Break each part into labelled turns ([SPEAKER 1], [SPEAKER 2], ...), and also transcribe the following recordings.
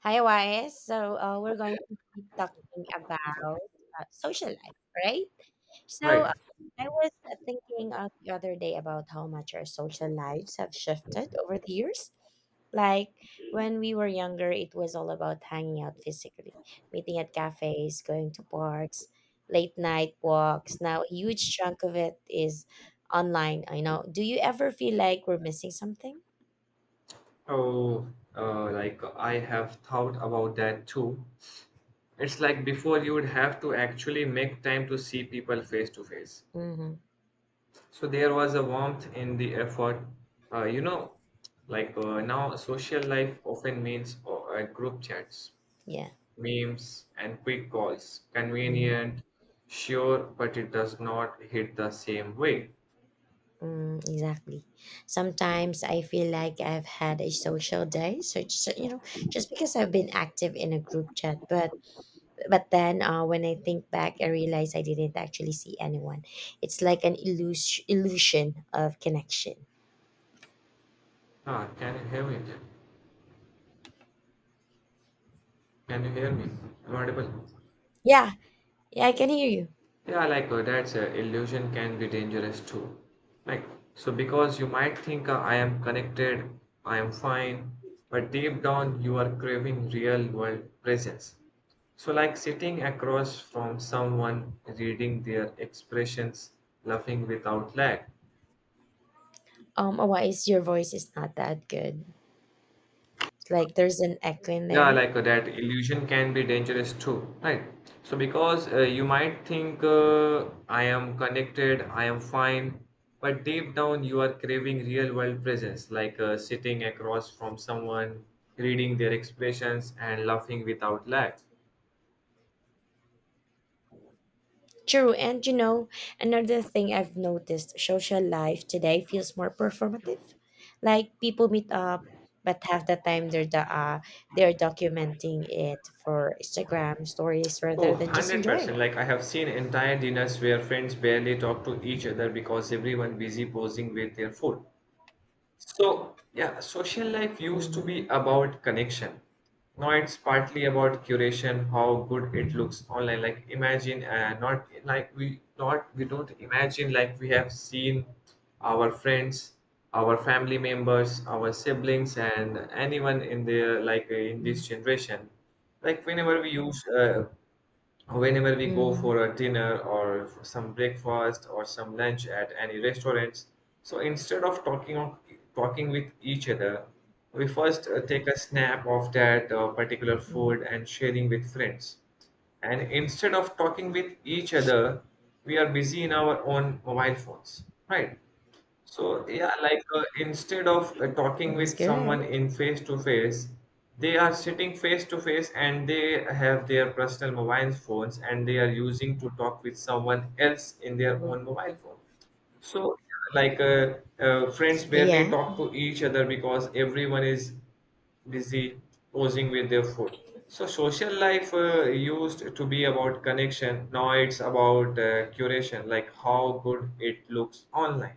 [SPEAKER 1] Hi, Wise. We're going to be talking about social life, right? So
[SPEAKER 2] Right.
[SPEAKER 1] uh, I was thinking the other day about how much our social lives have shifted over the years. Like when we were younger, it was all about hanging out physically, meeting at cafes, going to parks, late night walks. Now, a huge chunk of it is online. I know. Do you ever feel like we're missing something?
[SPEAKER 2] Oh, like I have thought about that too. It's like before you would have to actually make time to see people face to face.
[SPEAKER 1] Mm-hmm.
[SPEAKER 2] So there was a warmth in the effort. Uh, you know, now social life often means group chats,
[SPEAKER 1] Yeah.
[SPEAKER 2] memes, and quick calls.
[SPEAKER 1] Mm-hmm.
[SPEAKER 2] Convenient, sure, but it does not hit the same way.
[SPEAKER 1] Mm, exactly. Sometimes I feel like I've had a social day, so it's so, you know, just because I've been active in a group chat. But then when I think back, I realize I didn't actually see anyone. It's like an illusion of connection.
[SPEAKER 2] Ah, can you hear me? Can you hear me? Am I audible?
[SPEAKER 1] Yeah, yeah, I can hear you.
[SPEAKER 2] Yeah, that's illusion can be dangerous too. Like, so because you might think I am connected, I am fine, but deep down you are craving real world presence. So, like sitting across from someone, reading their expressions, laughing without lag.
[SPEAKER 1] Oh, why is your voice is not that good? Like there's an echo in
[SPEAKER 2] Yeah,
[SPEAKER 1] there.
[SPEAKER 2] that illusion can be dangerous too, right? So because you might think I am connected, I am fine, but deep down you are craving real world presence, sitting across from someone, reading their expressions and laughing without lag.
[SPEAKER 1] True, and you know, another thing I've noticed, social life today feels more performative. Like people meet up, but half the time they're documenting it for Instagram stories
[SPEAKER 2] Oh,
[SPEAKER 1] rather than just enjoying
[SPEAKER 2] 100%.
[SPEAKER 1] it.
[SPEAKER 2] Like I have seen entire dinners where friends barely talk to each other because everyone busy posing with their food. So, yeah, social life used to
[SPEAKER 1] Mm-hmm.
[SPEAKER 2] be about connection. Now it's partly about curation, how good it
[SPEAKER 1] Mm-hmm.
[SPEAKER 2] looks online. Like imagine, not like we not we don't imagine like we have seen our friends, our family members, our siblings, and anyone in the like in this generation. Like whenever we use whenever we go
[SPEAKER 1] Mm-hmm.
[SPEAKER 2] for a dinner or for some breakfast or some lunch at any restaurants, so instead of talking with each other, we first take a snap of that particular food and sharing with friends, and instead of talking with each other we are busy in our own mobile phones, right? So yeah, instead of talking
[SPEAKER 1] That's
[SPEAKER 2] with someone
[SPEAKER 1] correct.
[SPEAKER 2] in face to face, they are sitting face to face and they have their personal mobile phones and they are using to talk with someone else in their
[SPEAKER 1] Mhm.
[SPEAKER 2] own mobile phone. So like friends barely
[SPEAKER 1] Yeah.
[SPEAKER 2] talk to each other because everyone is busy posing with their food. So social life used to be about connection. Now it's about curation, like how good it looks online.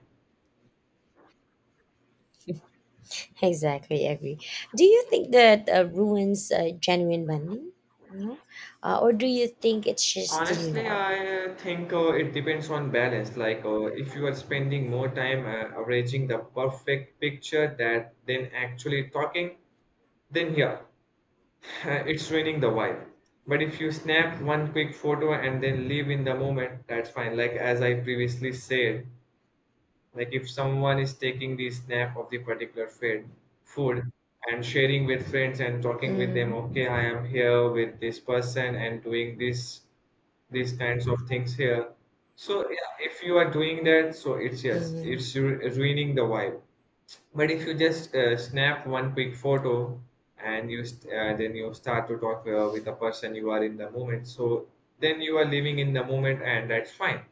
[SPEAKER 1] Exactly, agree. Do you think that ruins genuine bonding? You know, or do you think it's just the new
[SPEAKER 2] Honestly,
[SPEAKER 1] normal?
[SPEAKER 2] I think it depends on balance. Like, if you are spending more time arranging the perfect picture that then actually talking, then yeah, it's ruining the vibe. But if you snap one quick photo and then live in the moment, that's fine. Like as I previously said, like if someone is taking the snap of the particular food and sharing with friends and talking with them,
[SPEAKER 1] Mm,
[SPEAKER 2] okay, I am here with this person and doing this, these kinds of things here. So yeah, if you are doing that, so it's yes,
[SPEAKER 1] mm,
[SPEAKER 2] ruining the vibe, but if you just snap one quick photo and then you start to talk with the person you are in the moment, so then you are living in the moment and that's fine.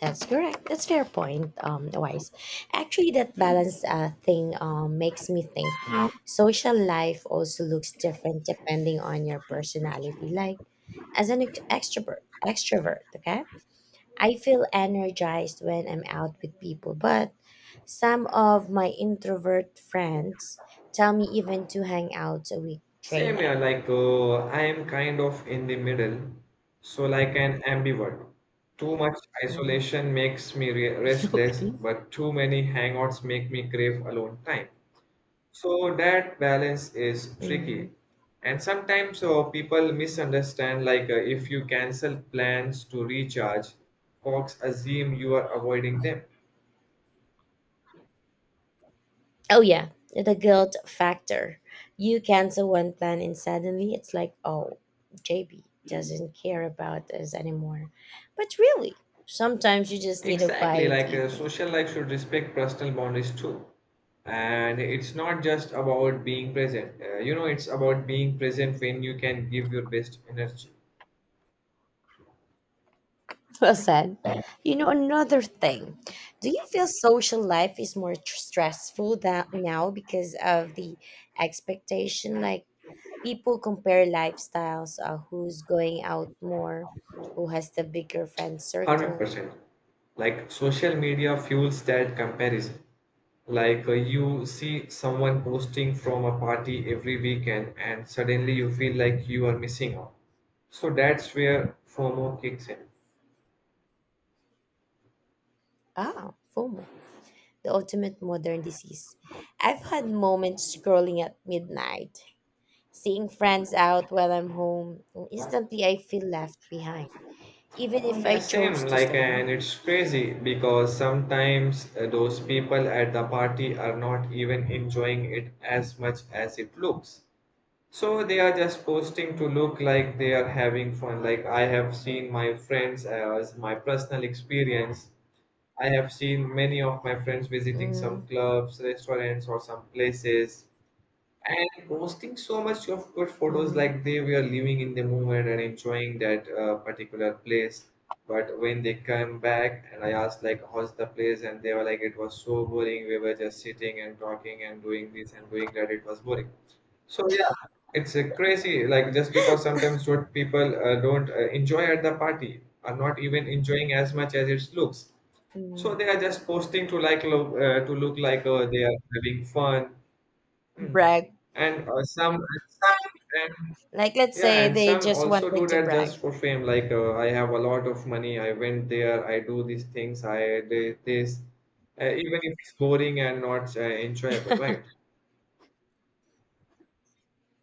[SPEAKER 1] that's correct. That's fair point, Wise. Actually, that balance thing makes me think social life also looks different depending on your personality. Like, as an extrovert, okay? I feel energized when I'm out with people, but some of my introvert friends tell me even two hangouts a week drain
[SPEAKER 2] Same here,
[SPEAKER 1] them.
[SPEAKER 2] I am kind of in the middle, so like an ambivert. Too much
[SPEAKER 1] Mm.
[SPEAKER 2] isolation makes me re restless,
[SPEAKER 1] Okay.
[SPEAKER 2] but too many hangouts make me crave alone time. So that balance is
[SPEAKER 1] Hmm.
[SPEAKER 2] tricky. And sometimes people misunderstand, if you cancel plans to recharge, folks assume you are avoiding them.
[SPEAKER 1] Oh yeah, the guilt factor. You cancel one plan and suddenly it's like, oh, JB doesn't care about us anymore. But really, sometimes you just need a
[SPEAKER 2] Exactly,
[SPEAKER 1] quiet evening.
[SPEAKER 2] social life should respect personal boundaries too. And it's not just about being present. It's about being present when you can give your best energy.
[SPEAKER 1] Well said. You know, another thing, do you feel social life is more stressful that now because of the expectation? Like people compare lifestyles, who's going out more, who has the bigger friend circle.
[SPEAKER 2] 100%. Like social media fuels that comparison. You see someone posting from a party every weekend and suddenly you feel like you are missing out. So that's where FOMO kicks in.
[SPEAKER 1] Ah, FOMO, the ultimate modern disease. I've had moments scrolling at midnight, seeing friends out while I'm home, and instantly I feel left behind, even if
[SPEAKER 2] Yeah,
[SPEAKER 1] I chose
[SPEAKER 2] same.
[SPEAKER 1] to
[SPEAKER 2] Like,
[SPEAKER 1] stay
[SPEAKER 2] and
[SPEAKER 1] home.
[SPEAKER 2] it's crazy because sometimes those people at the party are not even enjoying it as much as it looks. So they are just posting to look like they are having fun. Like, I have seen my friends as my personal experience. I have seen many of my friends visiting some
[SPEAKER 1] Mm-hmm.
[SPEAKER 2] clubs, restaurants, or some places, and posting so much of good photos
[SPEAKER 1] Mm-hmm.
[SPEAKER 2] like they were living in the moment and enjoying that particular place. But when they come back and I asked like how's the place and they were like it was so boring. We were just sitting and talking and doing this and doing that. It was boring. So yeah, it's crazy. Like just because sometimes what people don't enjoy at the party are not even enjoying as much as it looks. So
[SPEAKER 1] Mm,
[SPEAKER 2] they are just posting to to look like they are having fun. Mm.
[SPEAKER 1] brag.
[SPEAKER 2] And some, and some, and
[SPEAKER 1] Like let's
[SPEAKER 2] yeah,
[SPEAKER 1] say
[SPEAKER 2] and
[SPEAKER 1] they
[SPEAKER 2] some
[SPEAKER 1] just
[SPEAKER 2] also
[SPEAKER 1] wanted
[SPEAKER 2] do
[SPEAKER 1] to
[SPEAKER 2] that just
[SPEAKER 1] brag.
[SPEAKER 2] for fame. I have a lot of money. I went there. I do these things. I did this, even if it's boring and not enjoyable, right?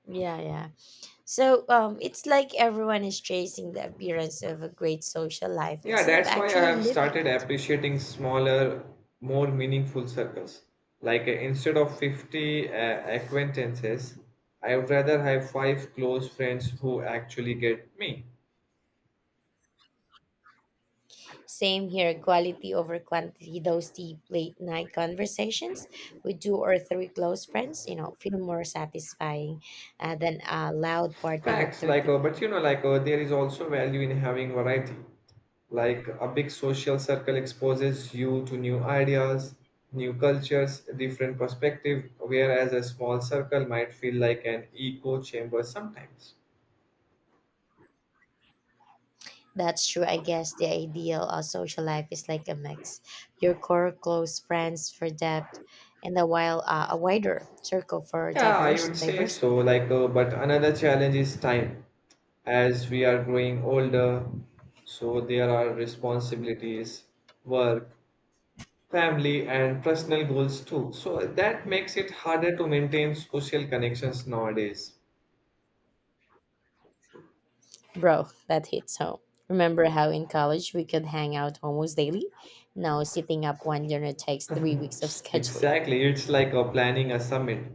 [SPEAKER 1] Yeah, yeah. So it's like everyone is chasing the appearance of a great social life
[SPEAKER 2] Yeah,
[SPEAKER 1] instead of
[SPEAKER 2] that's why I
[SPEAKER 1] actually
[SPEAKER 2] have
[SPEAKER 1] living
[SPEAKER 2] started
[SPEAKER 1] it.
[SPEAKER 2] appreciating smaller, more meaningful circles. Instead of 50 acquaintances, I would rather have five close friends who actually get me.
[SPEAKER 1] Same here, quality over quantity. Those deep late night conversations with two or three close friends, you know, feel more satisfying than a loud party with
[SPEAKER 2] Facts,
[SPEAKER 1] 30
[SPEAKER 2] but you
[SPEAKER 1] people.
[SPEAKER 2] know, there is also value in having variety. Like, a big social circle exposes you to new ideas, new cultures, different perspective, whereas a small circle might feel like an echo chamber sometimes.
[SPEAKER 1] That's true. I guess the ideal social life is like a mix. Your core close friends for depth and a wider circle for
[SPEAKER 2] Yeah, I
[SPEAKER 1] diverse
[SPEAKER 2] would say
[SPEAKER 1] diversity.
[SPEAKER 2] so. But another challenge is time. As we are growing older, so there are responsibilities, work, family and personal goals too. So that makes it harder to maintain social connections nowadays.
[SPEAKER 1] Bro, that hits home. Remember how in college we could hang out almost daily? Now sitting up one dinner takes 3 weeks of scheduling.
[SPEAKER 2] Exactly, it's like a planning a summit.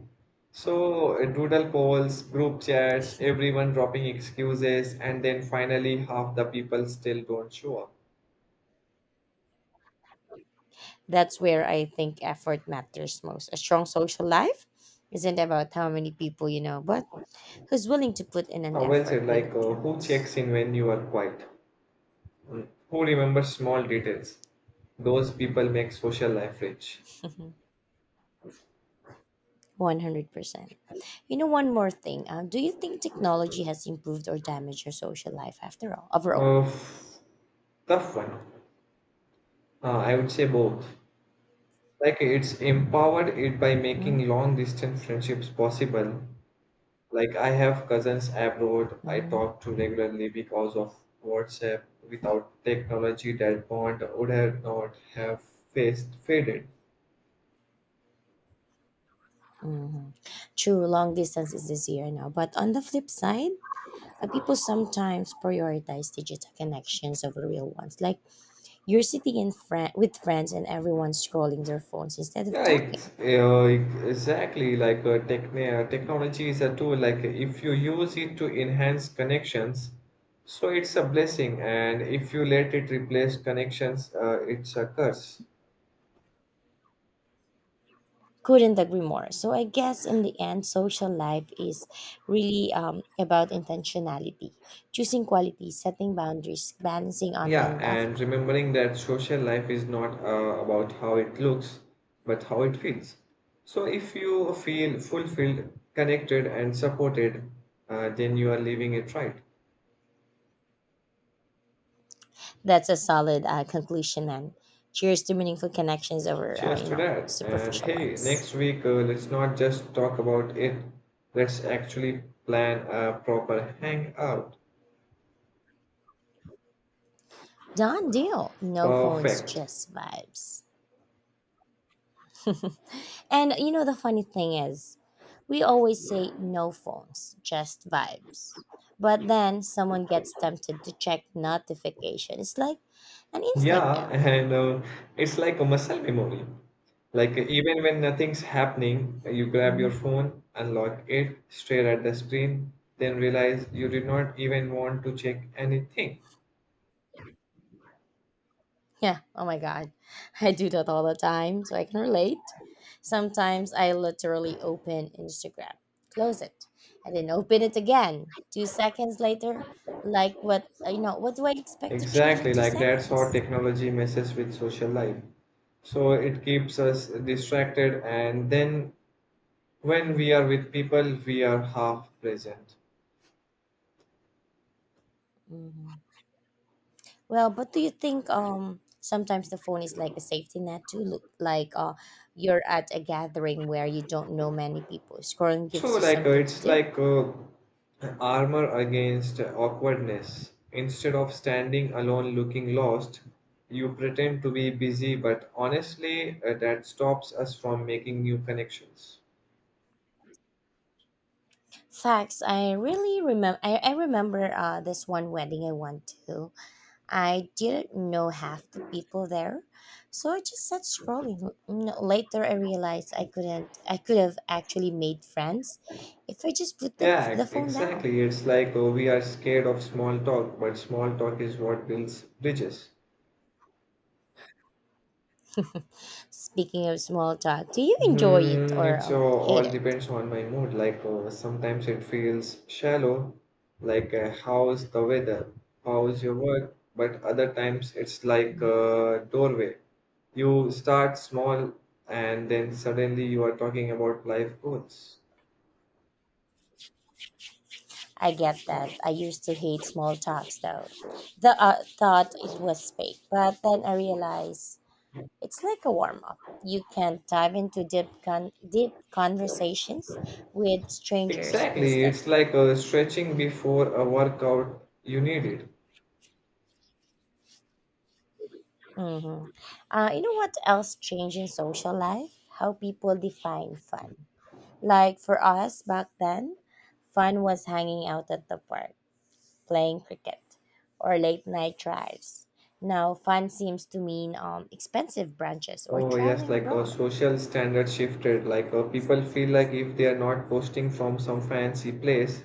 [SPEAKER 2] So doodle polls, group chats, everyone dropping excuses, and then finally half the people still don't show up.
[SPEAKER 1] That's where I think effort matters most. A strong social life isn't about how many people you know, but who's willing to put in an
[SPEAKER 2] Well
[SPEAKER 1] effort
[SPEAKER 2] said,
[SPEAKER 1] when it
[SPEAKER 2] who
[SPEAKER 1] counts.
[SPEAKER 2] checks in when you are quiet? Mm. Who remembers small details? Those people make social life rich.
[SPEAKER 1] 100%. You know, one more thing. Do you think technology has improved or damaged your social life overall?
[SPEAKER 2] Uh, f- tough one. I would say both. Like it's empowered it by
[SPEAKER 1] Mm-hmm.
[SPEAKER 2] making long distance friendships possible. Like I have cousins abroad I
[SPEAKER 1] Mm-hmm.
[SPEAKER 2] talk to regularly because of WhatsApp. Without technology, that bond would have not have faced faded.
[SPEAKER 1] Mm-hmm. True, long distance is easier now. But on the flip side, people sometimes prioritize digital connections over real ones. Like you're sitting in with friends and everyone's scrolling their phones instead of
[SPEAKER 2] Yeah,
[SPEAKER 1] talking.
[SPEAKER 2] exactly. Technology is a tool. Like if you use it to enhance connections, so it's a blessing, and if you let it replace connections, it's a curse.
[SPEAKER 1] Couldn't agree more, so I guess in the end, social life is really about intentionality, choosing quality, setting boundaries, balancing online
[SPEAKER 2] Yeah,
[SPEAKER 1] and
[SPEAKER 2] and
[SPEAKER 1] offline.
[SPEAKER 2] remembering that social life is not about how it looks, but how it feels. So, if you feel fulfilled, connected, and supported, then you are living it right.
[SPEAKER 1] That's a solid conclusion, and cheers to meaningful connections over
[SPEAKER 2] Cheers to that. And
[SPEAKER 1] superficial
[SPEAKER 2] hey,
[SPEAKER 1] ones.
[SPEAKER 2] next week, let's not just talk about it, let's actually plan a proper hangout.
[SPEAKER 1] Done deal. No phones,
[SPEAKER 2] Perfect.
[SPEAKER 1] just vibes. And you know, the funny thing is, we always say no phones, just vibes. But then someone gets tempted to check notification. It's like an instinct
[SPEAKER 2] Yeah,
[SPEAKER 1] now.
[SPEAKER 2] and it's like a muscle memory. Like even when nothing's happening, you grab your
[SPEAKER 1] Hmm.
[SPEAKER 2] phone, unlock it, stare at the screen, then realize you did not even want to check anything.
[SPEAKER 1] Yeah. Oh my God. I do that all the time, so I can relate. Sometimes I literally open Instagram, close it, and then open it again. 2 seconds later, like what, you know, what do I expect to change in
[SPEAKER 2] Exactly,
[SPEAKER 1] two
[SPEAKER 2] like that's how
[SPEAKER 1] seconds?
[SPEAKER 2] technology messes with social life. So it keeps us distracted, and then when we are with people, we are half present.
[SPEAKER 1] Mhm. Well, but do you think sometimes the phone is like a safety net too? Look, like you're at a gathering where you don't know many people. Scrolling gives
[SPEAKER 2] True,
[SPEAKER 1] you something to
[SPEAKER 2] it's
[SPEAKER 1] do.
[SPEAKER 2] armor against awkwardness. Instead of standing alone looking lost, you pretend to be busy, but honestly, that stops us from making new connections.
[SPEAKER 1] Facts. I really remember. I remember this one wedding I went to. I didn't know half the people there, so I just sat scrolling. No, later I realized I couldn't. I could have actually made friends if I just put the
[SPEAKER 2] Yeah,
[SPEAKER 1] the phone down.
[SPEAKER 2] exactly. It's we are scared of small talk, but small talk is what builds bridges.
[SPEAKER 1] Speaking of small talk, do you enjoy it
[SPEAKER 2] Hmm,
[SPEAKER 1] or hate
[SPEAKER 2] all
[SPEAKER 1] it?
[SPEAKER 2] depends on my mood. Sometimes it feels shallow, how's the weather, how's your work. But other times it's like a doorway. You start small, and then suddenly you are talking about life goals.
[SPEAKER 1] I get that. I used to hate small talks though. The thought it was fake, but then I realized it's like a warm up. You can dive into deep conversations with strangers
[SPEAKER 2] Exactly, it's
[SPEAKER 1] instantly.
[SPEAKER 2] like a stretching before a workout you need it.
[SPEAKER 1] Mm-hmm. You know what else changed in social life? How people define fun. Like for us back then, fun was hanging out at the park, playing cricket, or late night drives. Now, fun seems to mean expensive brunches or
[SPEAKER 2] Oh, yes,
[SPEAKER 1] traveling
[SPEAKER 2] like a
[SPEAKER 1] abroad.
[SPEAKER 2] social standard shifted. People feel like if they are not posting from some fancy place,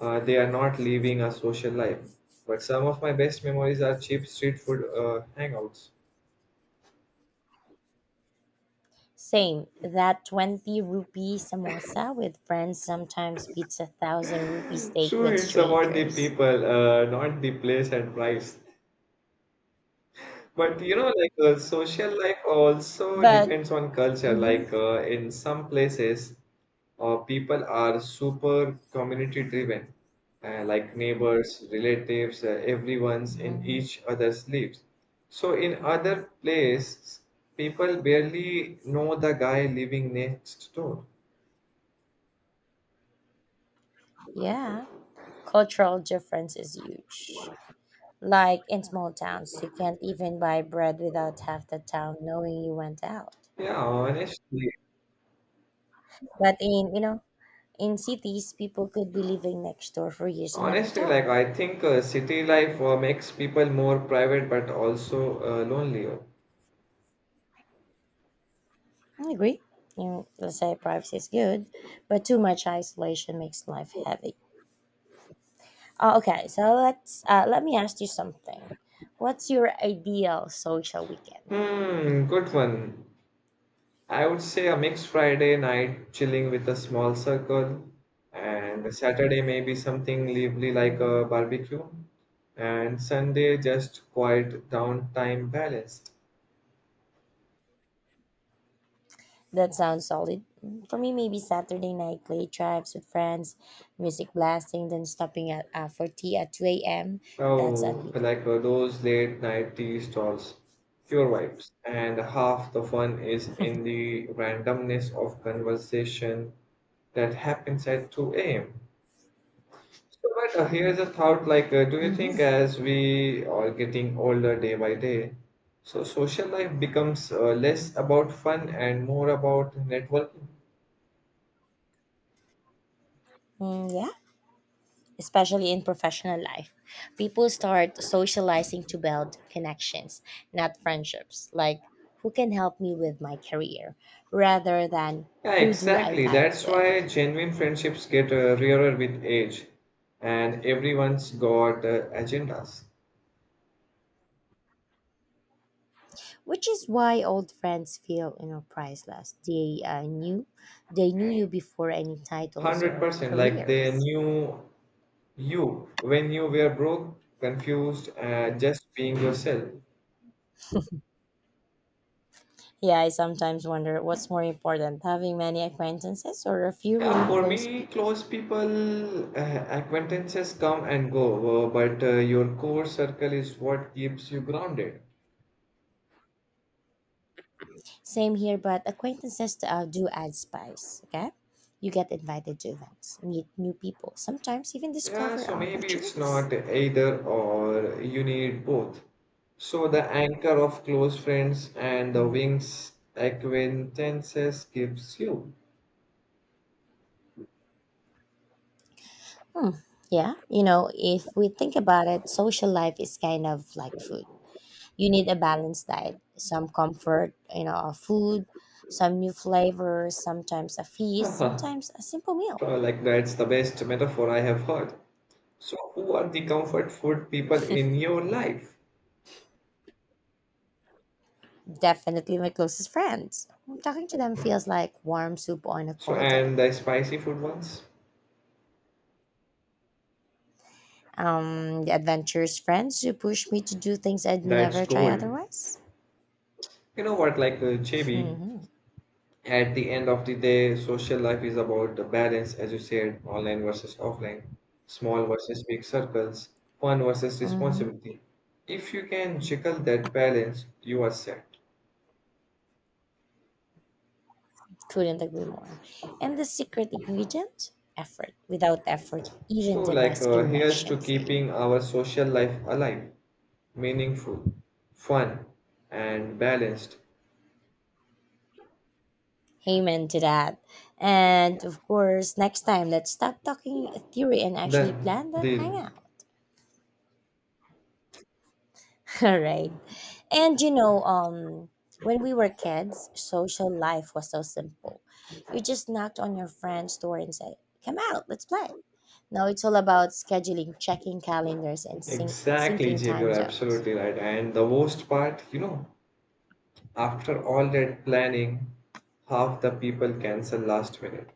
[SPEAKER 2] they are not living a social life. But some of my best memories are cheap street food hangouts.
[SPEAKER 1] Same, that 20 rupee samosa with friends sometimes beats 1,000 rupee steak
[SPEAKER 2] True,
[SPEAKER 1] with
[SPEAKER 2] it's about the
[SPEAKER 1] strangers.
[SPEAKER 2] people, not the place and price. But you know, social life also
[SPEAKER 1] But,
[SPEAKER 2] depends on culture.
[SPEAKER 1] mhm,
[SPEAKER 2] In some places, people are super community driven, like neighbors, relatives, everyone's in
[SPEAKER 1] mhm,
[SPEAKER 2] each other's lives. So in other places, people barely know the guy living next door.
[SPEAKER 1] yeah, cultural difference is huge. Like in small towns, you can't even buy bread without half the town knowing you went out.
[SPEAKER 2] Yeah, honestly,
[SPEAKER 1] But in, you know, in cities, people could be living next door for years and never
[SPEAKER 2] honestly,
[SPEAKER 1] talk.
[SPEAKER 2] I think city life makes people more private but also lonelier.
[SPEAKER 1] I agree. You know, let's say privacy is good, but too much isolation makes life heavy. Okay, let me ask you something. What's your ideal social weekend?
[SPEAKER 2] Hmm, good one. I would say a mixed Friday night, chilling with a small circle, and Saturday maybe something lively like a
[SPEAKER 1] Mhm.
[SPEAKER 2] barbecue, and Sunday just quiet downtime balanced.
[SPEAKER 1] That sounds solid. For me, maybe Saturday night clay drives with friends, music blasting, then stopping at for tea at 2 a.m. That's
[SPEAKER 2] Oh,
[SPEAKER 1] unbeatable.
[SPEAKER 2] those late night tea stalls, pure vibes. And half the fun is in the randomness of conversation that happens at 2 a.m. So, but here's a thought like, do you
[SPEAKER 1] Hmm.
[SPEAKER 2] think as we are getting older day by day, so social life becomes less about fun and more about networking?
[SPEAKER 1] Mm, yeah, especially in professional life. People start socializing to build connections, not friendships. Like, who can help me with my career rather than
[SPEAKER 2] Yeah,
[SPEAKER 1] who do I
[SPEAKER 2] exactly.
[SPEAKER 1] vibe
[SPEAKER 2] That's
[SPEAKER 1] with?
[SPEAKER 2] why genuine friendships get rarer with age, and everyone's got agendas.
[SPEAKER 1] Which is why old friends feel, you know, priceless. They knew you before any titles or
[SPEAKER 2] 100% like they
[SPEAKER 1] careers.
[SPEAKER 2] knew you when you were broke, confused, and just being yourself.
[SPEAKER 1] Yeah, I sometimes wonder what's more important, having many acquaintances or a few
[SPEAKER 2] Yeah,
[SPEAKER 1] really
[SPEAKER 2] for
[SPEAKER 1] close
[SPEAKER 2] me,
[SPEAKER 1] people.
[SPEAKER 2] close people, acquaintances come and go, but your core circle is what keeps you grounded.
[SPEAKER 1] Same here, but acquaintances do add spice, okay? You get invited to events, meet new people, sometimes even
[SPEAKER 2] Yeah,
[SPEAKER 1] discover
[SPEAKER 2] so maybe it's
[SPEAKER 1] opportunities.
[SPEAKER 2] not either or, you need both. So the anchor of close friends and the
[SPEAKER 1] Mhm.
[SPEAKER 2] wings acquaintances gives you.
[SPEAKER 1] Hmm. Yeah, you know, if we think about it, social life is kind of like food. You need a balanced diet, some comfort, you know, of food, some new flavors, sometimes a feast,
[SPEAKER 2] Probably
[SPEAKER 1] sometimes a simple meal.
[SPEAKER 2] like that's the best metaphor I have heard. So who are the comfort food people in your life?
[SPEAKER 1] Definitely my closest friends. Talking to them feels like warm soup on a
[SPEAKER 2] So
[SPEAKER 1] cold day.
[SPEAKER 2] and the spicy food ones?
[SPEAKER 1] The adventurous friends who push me to do things I'd
[SPEAKER 2] That's
[SPEAKER 1] never try
[SPEAKER 2] gold.
[SPEAKER 1] otherwise.
[SPEAKER 2] You know what, JB,
[SPEAKER 1] Hmm.
[SPEAKER 2] at the end of the day, social life is about the balance, as you said, online versus offline, small versus big circles, fun versus
[SPEAKER 1] Hmm.
[SPEAKER 2] responsibility. If you can juggle that balance, you are set.
[SPEAKER 1] Couldn't agree more. And the secret ingredient, effort. Without effort, even
[SPEAKER 2] So,
[SPEAKER 1] the best
[SPEAKER 2] here's to
[SPEAKER 1] connection fades.
[SPEAKER 2] keeping our social life alive, meaningful, fun, and balanced.
[SPEAKER 1] Amen to that. And of course, next time, let's stop talking theory and actually
[SPEAKER 2] Then,
[SPEAKER 1] plan that
[SPEAKER 2] deal.
[SPEAKER 1] hangout. All right. And you know, when we were kids, social life was so simple. You just knocked on your friend's door and said, come out, let's play. Now it's all about scheduling, checking calendars, and
[SPEAKER 2] Exactly,
[SPEAKER 1] syncing
[SPEAKER 2] JB, you're
[SPEAKER 1] time zones.
[SPEAKER 2] absolutely right. And the worst part, you know, after all that planning, half the people cancel last minute.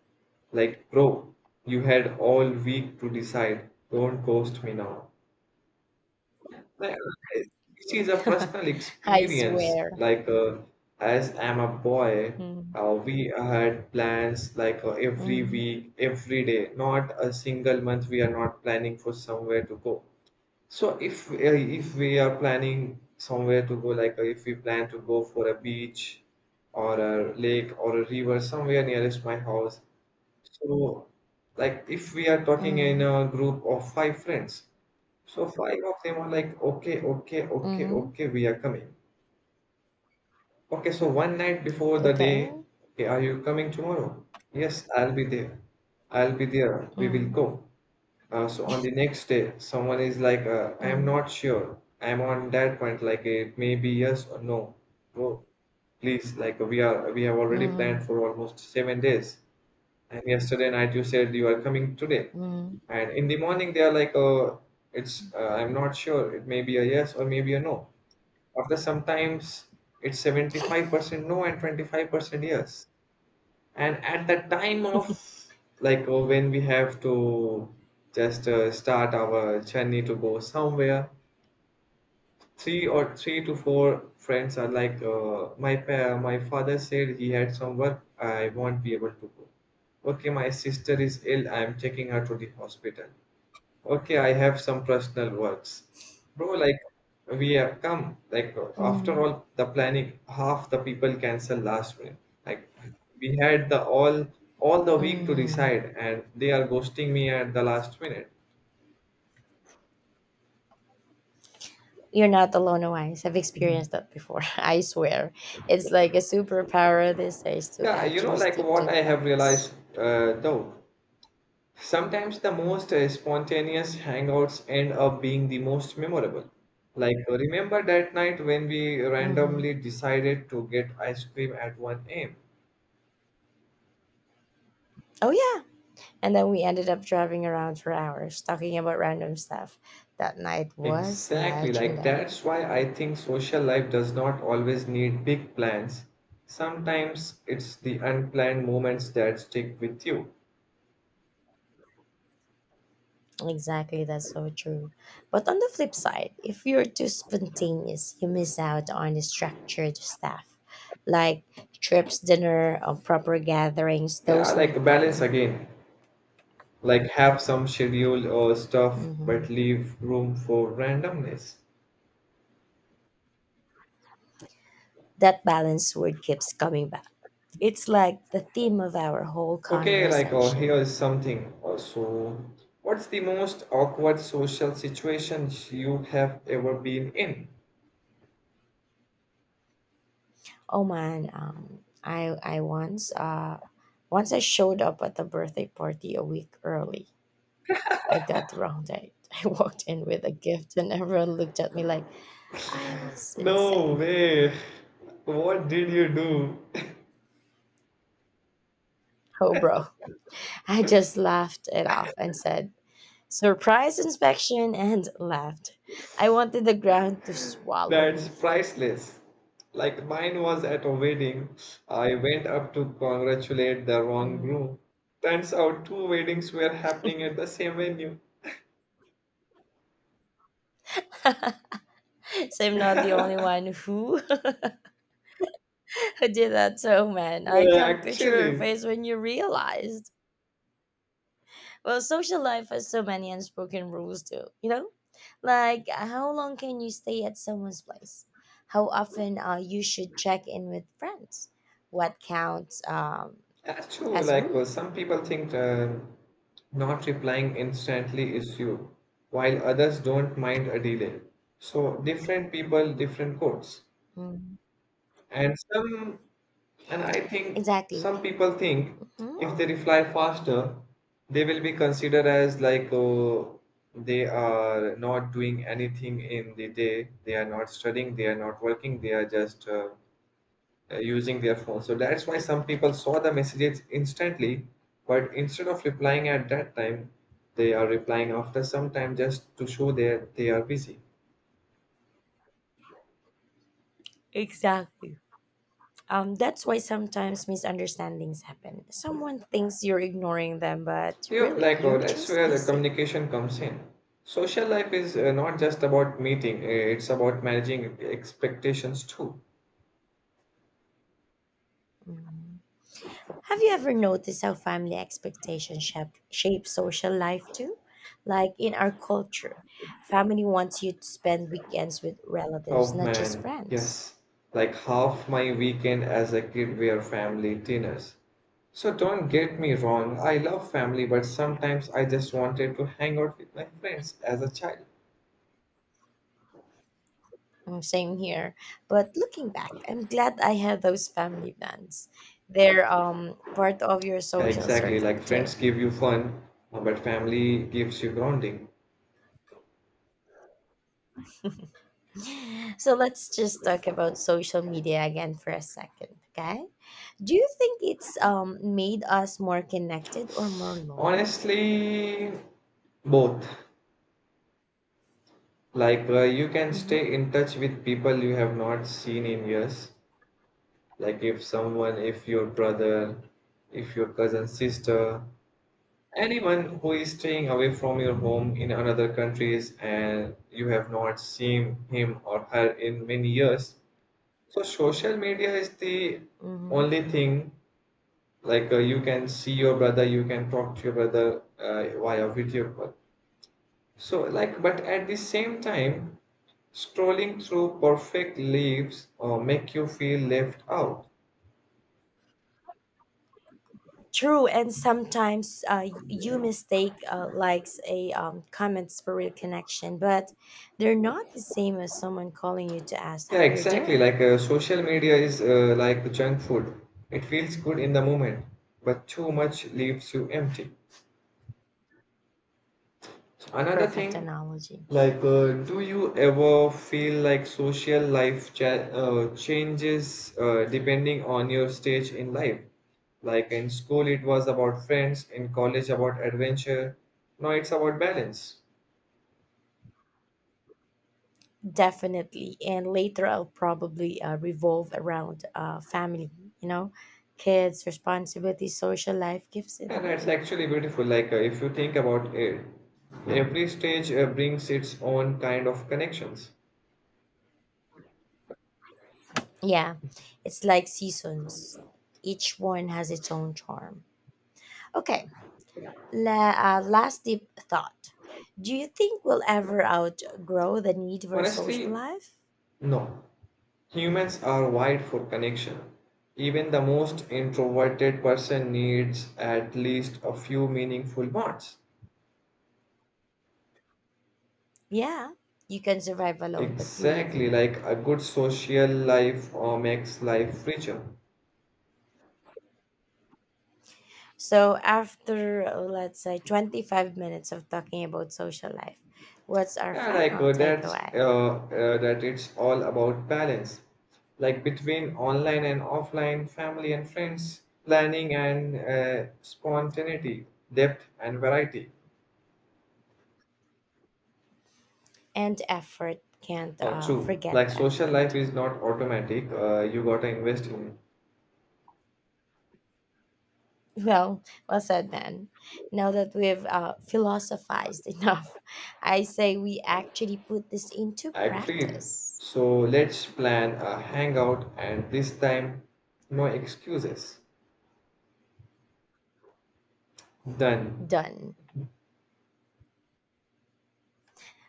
[SPEAKER 2] Like, bro, you had all week to decide. Don't ghost me now. Like, this is a personal
[SPEAKER 1] I
[SPEAKER 2] experience.
[SPEAKER 1] swear.
[SPEAKER 2] As I'm a boy,
[SPEAKER 1] Mm,
[SPEAKER 2] we had plans like every
[SPEAKER 1] mm,
[SPEAKER 2] week, every day. Not a single month we are not planning for somewhere to go. So if we are planning somewhere to go, if we plan to go for a beach or a lake or a river somewhere nearest my house, so like if we are talking in
[SPEAKER 1] mm,
[SPEAKER 2] a group of five friends, so five of them are like, okay, okay, okay,
[SPEAKER 1] mm.
[SPEAKER 2] okay, we are coming. Okay, so one night before the
[SPEAKER 1] Okay.
[SPEAKER 2] day, okay, are you coming tomorrow? Yes, I'll be there. I'll be there. We will
[SPEAKER 1] Mm,
[SPEAKER 2] go. So on the next day, someone is like, I am
[SPEAKER 1] mm,
[SPEAKER 2] not sure. I'm on that point, like it may be yes or no. Bro, please, we have already
[SPEAKER 1] mm,
[SPEAKER 2] planned for almost 7 days. And yesterday night you said you are coming today.
[SPEAKER 1] mm.
[SPEAKER 2] And in the morning they are like, it's, I'm not sure. It may be a yes or maybe a no. After sometimes it's 75% no and 25% yes. And at the time of when we have to just start our journey to go somewhere, three to four friends are like my father said he had some work I won't be able to go. Okay, my sister is ill. I am taking her to the hospital. Okay, I have some personal words. Bro, like we have come, like after
[SPEAKER 1] Mm,
[SPEAKER 2] all the planning, half the people cancel last minute. Like we had the all the week to
[SPEAKER 1] mhm.
[SPEAKER 2] decide and they are ghosting me at the last minute.
[SPEAKER 1] You're not alone, Wise. I've experienced that before. I swear. It's like a superpower these days to
[SPEAKER 2] Yeah, you
[SPEAKER 1] actually
[SPEAKER 2] know, like
[SPEAKER 1] stick to
[SPEAKER 2] what I have realized
[SPEAKER 1] plans.
[SPEAKER 2] uh, though, sometimes the most spontaneous hangouts end up being the most memorable. Like, remember that night when we
[SPEAKER 1] Hmm.
[SPEAKER 2] randomly decided to get ice cream at 1 a.m.?
[SPEAKER 1] Oh, yeah. And then we ended up driving around for hours talking about random stuff. That night was
[SPEAKER 2] Exactly, like
[SPEAKER 1] legendary.
[SPEAKER 2] that's why I think social life does not always need big plans. Sometimes it's the unplanned moments that stick with you.
[SPEAKER 1] Exactly, that's so true. But on the flip side, if you're too spontaneous, you miss out on the structured stuff like trips, dinner, or proper gatherings.
[SPEAKER 2] Yeah,
[SPEAKER 1] Those
[SPEAKER 2] like
[SPEAKER 1] need
[SPEAKER 2] balance
[SPEAKER 1] planning.
[SPEAKER 2] again. Like have some schedule or stuff, but
[SPEAKER 1] Mhm.
[SPEAKER 2] leave room for randomness.
[SPEAKER 1] That balance word keeps coming back. It's like the theme of our whole
[SPEAKER 2] Okay, like oh, here
[SPEAKER 1] conversation.
[SPEAKER 2] is something. Also, what's the most awkward social situation you have ever been in?
[SPEAKER 1] Oh man, I once I showed up at the birthday party a week early. I got the wrong date. I walked in with a gift and everyone looked at me like I was
[SPEAKER 2] No
[SPEAKER 1] insane.
[SPEAKER 2] way. What did you do?
[SPEAKER 1] Oh bro. I just laughed it off and said, surprise inspection, and laughed. I wanted the ground to swallow
[SPEAKER 2] That's
[SPEAKER 1] me.
[SPEAKER 2] priceless. Like mine was at a wedding. I went up to congratulate the wrong
[SPEAKER 1] Mm.
[SPEAKER 2] groom. Turns out two weddings were happening at the same venue.
[SPEAKER 1] So I'm not the only one who did that. So, man, I
[SPEAKER 2] Well,
[SPEAKER 1] can't picture your
[SPEAKER 2] actually,
[SPEAKER 1] face when you realized. Well, social life has so many unspoken rules, too. You know, like how long can you stay at someone's place? How often you should check in with friends? What counts
[SPEAKER 2] that's true.
[SPEAKER 1] as rude?
[SPEAKER 2] Some people think not replying instantly is you, while others don't mind a delay. So different people, different codes.
[SPEAKER 1] Mhm.
[SPEAKER 2] and some and I think
[SPEAKER 1] Exactly.
[SPEAKER 2] Some people think
[SPEAKER 1] Hmm.
[SPEAKER 2] if they reply faster they will be considered as like oh, they are not doing anything in the day, they are not studying, they are not working, they are just using their phone. So that's why some people saw the messages instantly, but instead of replying at that time they are replying after some time just to show that they are busy.
[SPEAKER 1] Exactly. That's why sometimes misunderstandings happen. Someone thinks you're ignoring them, but
[SPEAKER 2] Yep,
[SPEAKER 1] really, you're
[SPEAKER 2] that's
[SPEAKER 1] just
[SPEAKER 2] where the
[SPEAKER 1] busy.
[SPEAKER 2] communication comes in. Social life is not just about meeting, it's about managing expectations too.
[SPEAKER 1] Mm. Have you ever noticed how family expectations shape social life too? Like in our culture, family wants you to spend weekends with relatives,
[SPEAKER 2] Oh
[SPEAKER 1] not just
[SPEAKER 2] man,
[SPEAKER 1] friends.
[SPEAKER 2] yes. Like half my weekend as a kid were family dinners. So don't get me wrong, I love family, but sometimes I just wanted to hang out with my friends as a child.
[SPEAKER 1] Mm, same here. But looking back, I'm glad I had those family plans. They're part of your social
[SPEAKER 2] Exactly,
[SPEAKER 1] circle
[SPEAKER 2] like
[SPEAKER 1] too.
[SPEAKER 2] friends give you fun, but family gives you grounding.
[SPEAKER 1] So let's just talk about social media again for a second, okay? Do you think it's made us more connected or more lonely?
[SPEAKER 2] Honestly, both. You can
[SPEAKER 1] Mm-hmm.
[SPEAKER 2] stay in touch with people you have not seen in years. Like, if your brother, if your cousin, sister, anyone who is staying away from your
[SPEAKER 1] Mhm,
[SPEAKER 2] home in another countries and you have not seen him or her in many years. So, social media is the
[SPEAKER 1] mhm.
[SPEAKER 2] only thing. You can see your brother, you can talk to your brother via video call. But at the same time, strolling through perfect leaves or make you feel left out.
[SPEAKER 1] True, and sometimes you mistake likes a comments for real connection, but they're not the same as someone calling you to ask
[SPEAKER 2] Yeah,
[SPEAKER 1] how you're
[SPEAKER 2] exactly.
[SPEAKER 1] doing.
[SPEAKER 2] Social media is like junk food. It feels good in the moment, but too much leaves you empty. Another
[SPEAKER 1] Perfect
[SPEAKER 2] thing,
[SPEAKER 1] analogy,
[SPEAKER 2] do you ever feel like social life changes depending on your stage in life? Like in school, it was about friends, in college, about adventure. Now it's about balance.
[SPEAKER 1] definitely. And later, I'll probably revolve around family. You know, kids, responsibilities, social life keeps
[SPEAKER 2] And that's
[SPEAKER 1] evolving.
[SPEAKER 2] actually beautiful. If you think about it, every stage brings its own kind of connections.
[SPEAKER 1] Yeah, it's like seasons. Each one has its own charm. Okay, La, last deep thought. Do you think we'll ever outgrow the need for social
[SPEAKER 2] Honestly,
[SPEAKER 1] life?
[SPEAKER 2] no. Humans are wired for connection. Even the most introverted person needs at least a few meaningful bonds.
[SPEAKER 1] Yeah, you can survive alone, but you live with
[SPEAKER 2] Exactly, like
[SPEAKER 1] people.
[SPEAKER 2] a good social life or makes life richer.
[SPEAKER 1] So, after let's say 25 minutes of talking about social life, what's our
[SPEAKER 2] Yeah,
[SPEAKER 1] final
[SPEAKER 2] that's
[SPEAKER 1] takeaway?
[SPEAKER 2] that it's all about balance, like between online and offline, family and friends, planning and spontaneity, depth and variety.
[SPEAKER 1] And effort, can't
[SPEAKER 2] True,
[SPEAKER 1] forget
[SPEAKER 2] like social life
[SPEAKER 1] effort.
[SPEAKER 2] is not automatic. You gotta invest in it.
[SPEAKER 1] Well, well said, man. Now that we've philosophized enough, I say we actually put this into
[SPEAKER 2] Agreed.
[SPEAKER 1] practice.
[SPEAKER 2] So let's plan a hangout and this time no excuses. Done.
[SPEAKER 1] Done.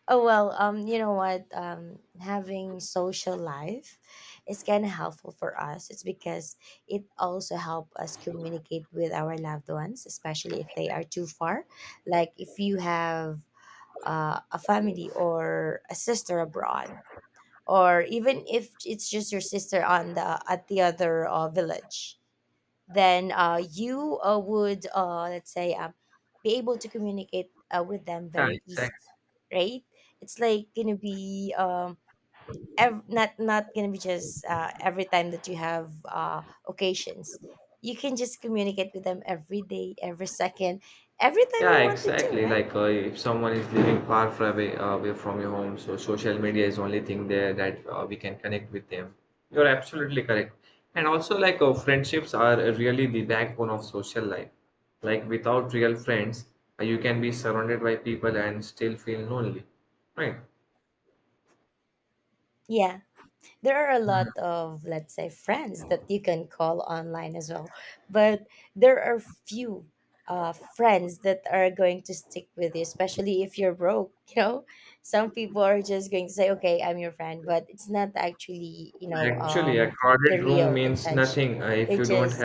[SPEAKER 1] Oh well, you know what? Having social life is kind of helpful for us. It's because it also help us communicate with our loved ones, especially if they are too far. Like if you have a family or a sister abroad, or even if it's just your sister on the at the other village, then you would, let's say, be able to communicate with them
[SPEAKER 2] Yeah,
[SPEAKER 1] very easy,
[SPEAKER 2] exactly.
[SPEAKER 1] right? It's like gonna be, not gonna be just every time that you have occasions. You can just communicate with them every day, every second, every time
[SPEAKER 2] Yeah,
[SPEAKER 1] you wanted to,
[SPEAKER 2] exactly.
[SPEAKER 1] right?
[SPEAKER 2] If someone is living far, far away, away from your home, so social media is only thing there that we can connect with them. You're absolutely correct. And also, friendships are really the backbone of social life. Like without real friends, you can be surrounded by people and still feel lonely, right?
[SPEAKER 1] Yeah, there are a lot of, let's say, friends that you can call online as well, but there are few friends that are going to stick with you, especially if you're broke, you know. Some people are just going to say, okay, I'm your friend, but it's not actually, you know,
[SPEAKER 2] Actually, a
[SPEAKER 1] the
[SPEAKER 2] crowded room
[SPEAKER 1] real
[SPEAKER 2] means
[SPEAKER 1] intention.
[SPEAKER 2] nothing if
[SPEAKER 1] They're
[SPEAKER 2] you don't
[SPEAKER 1] just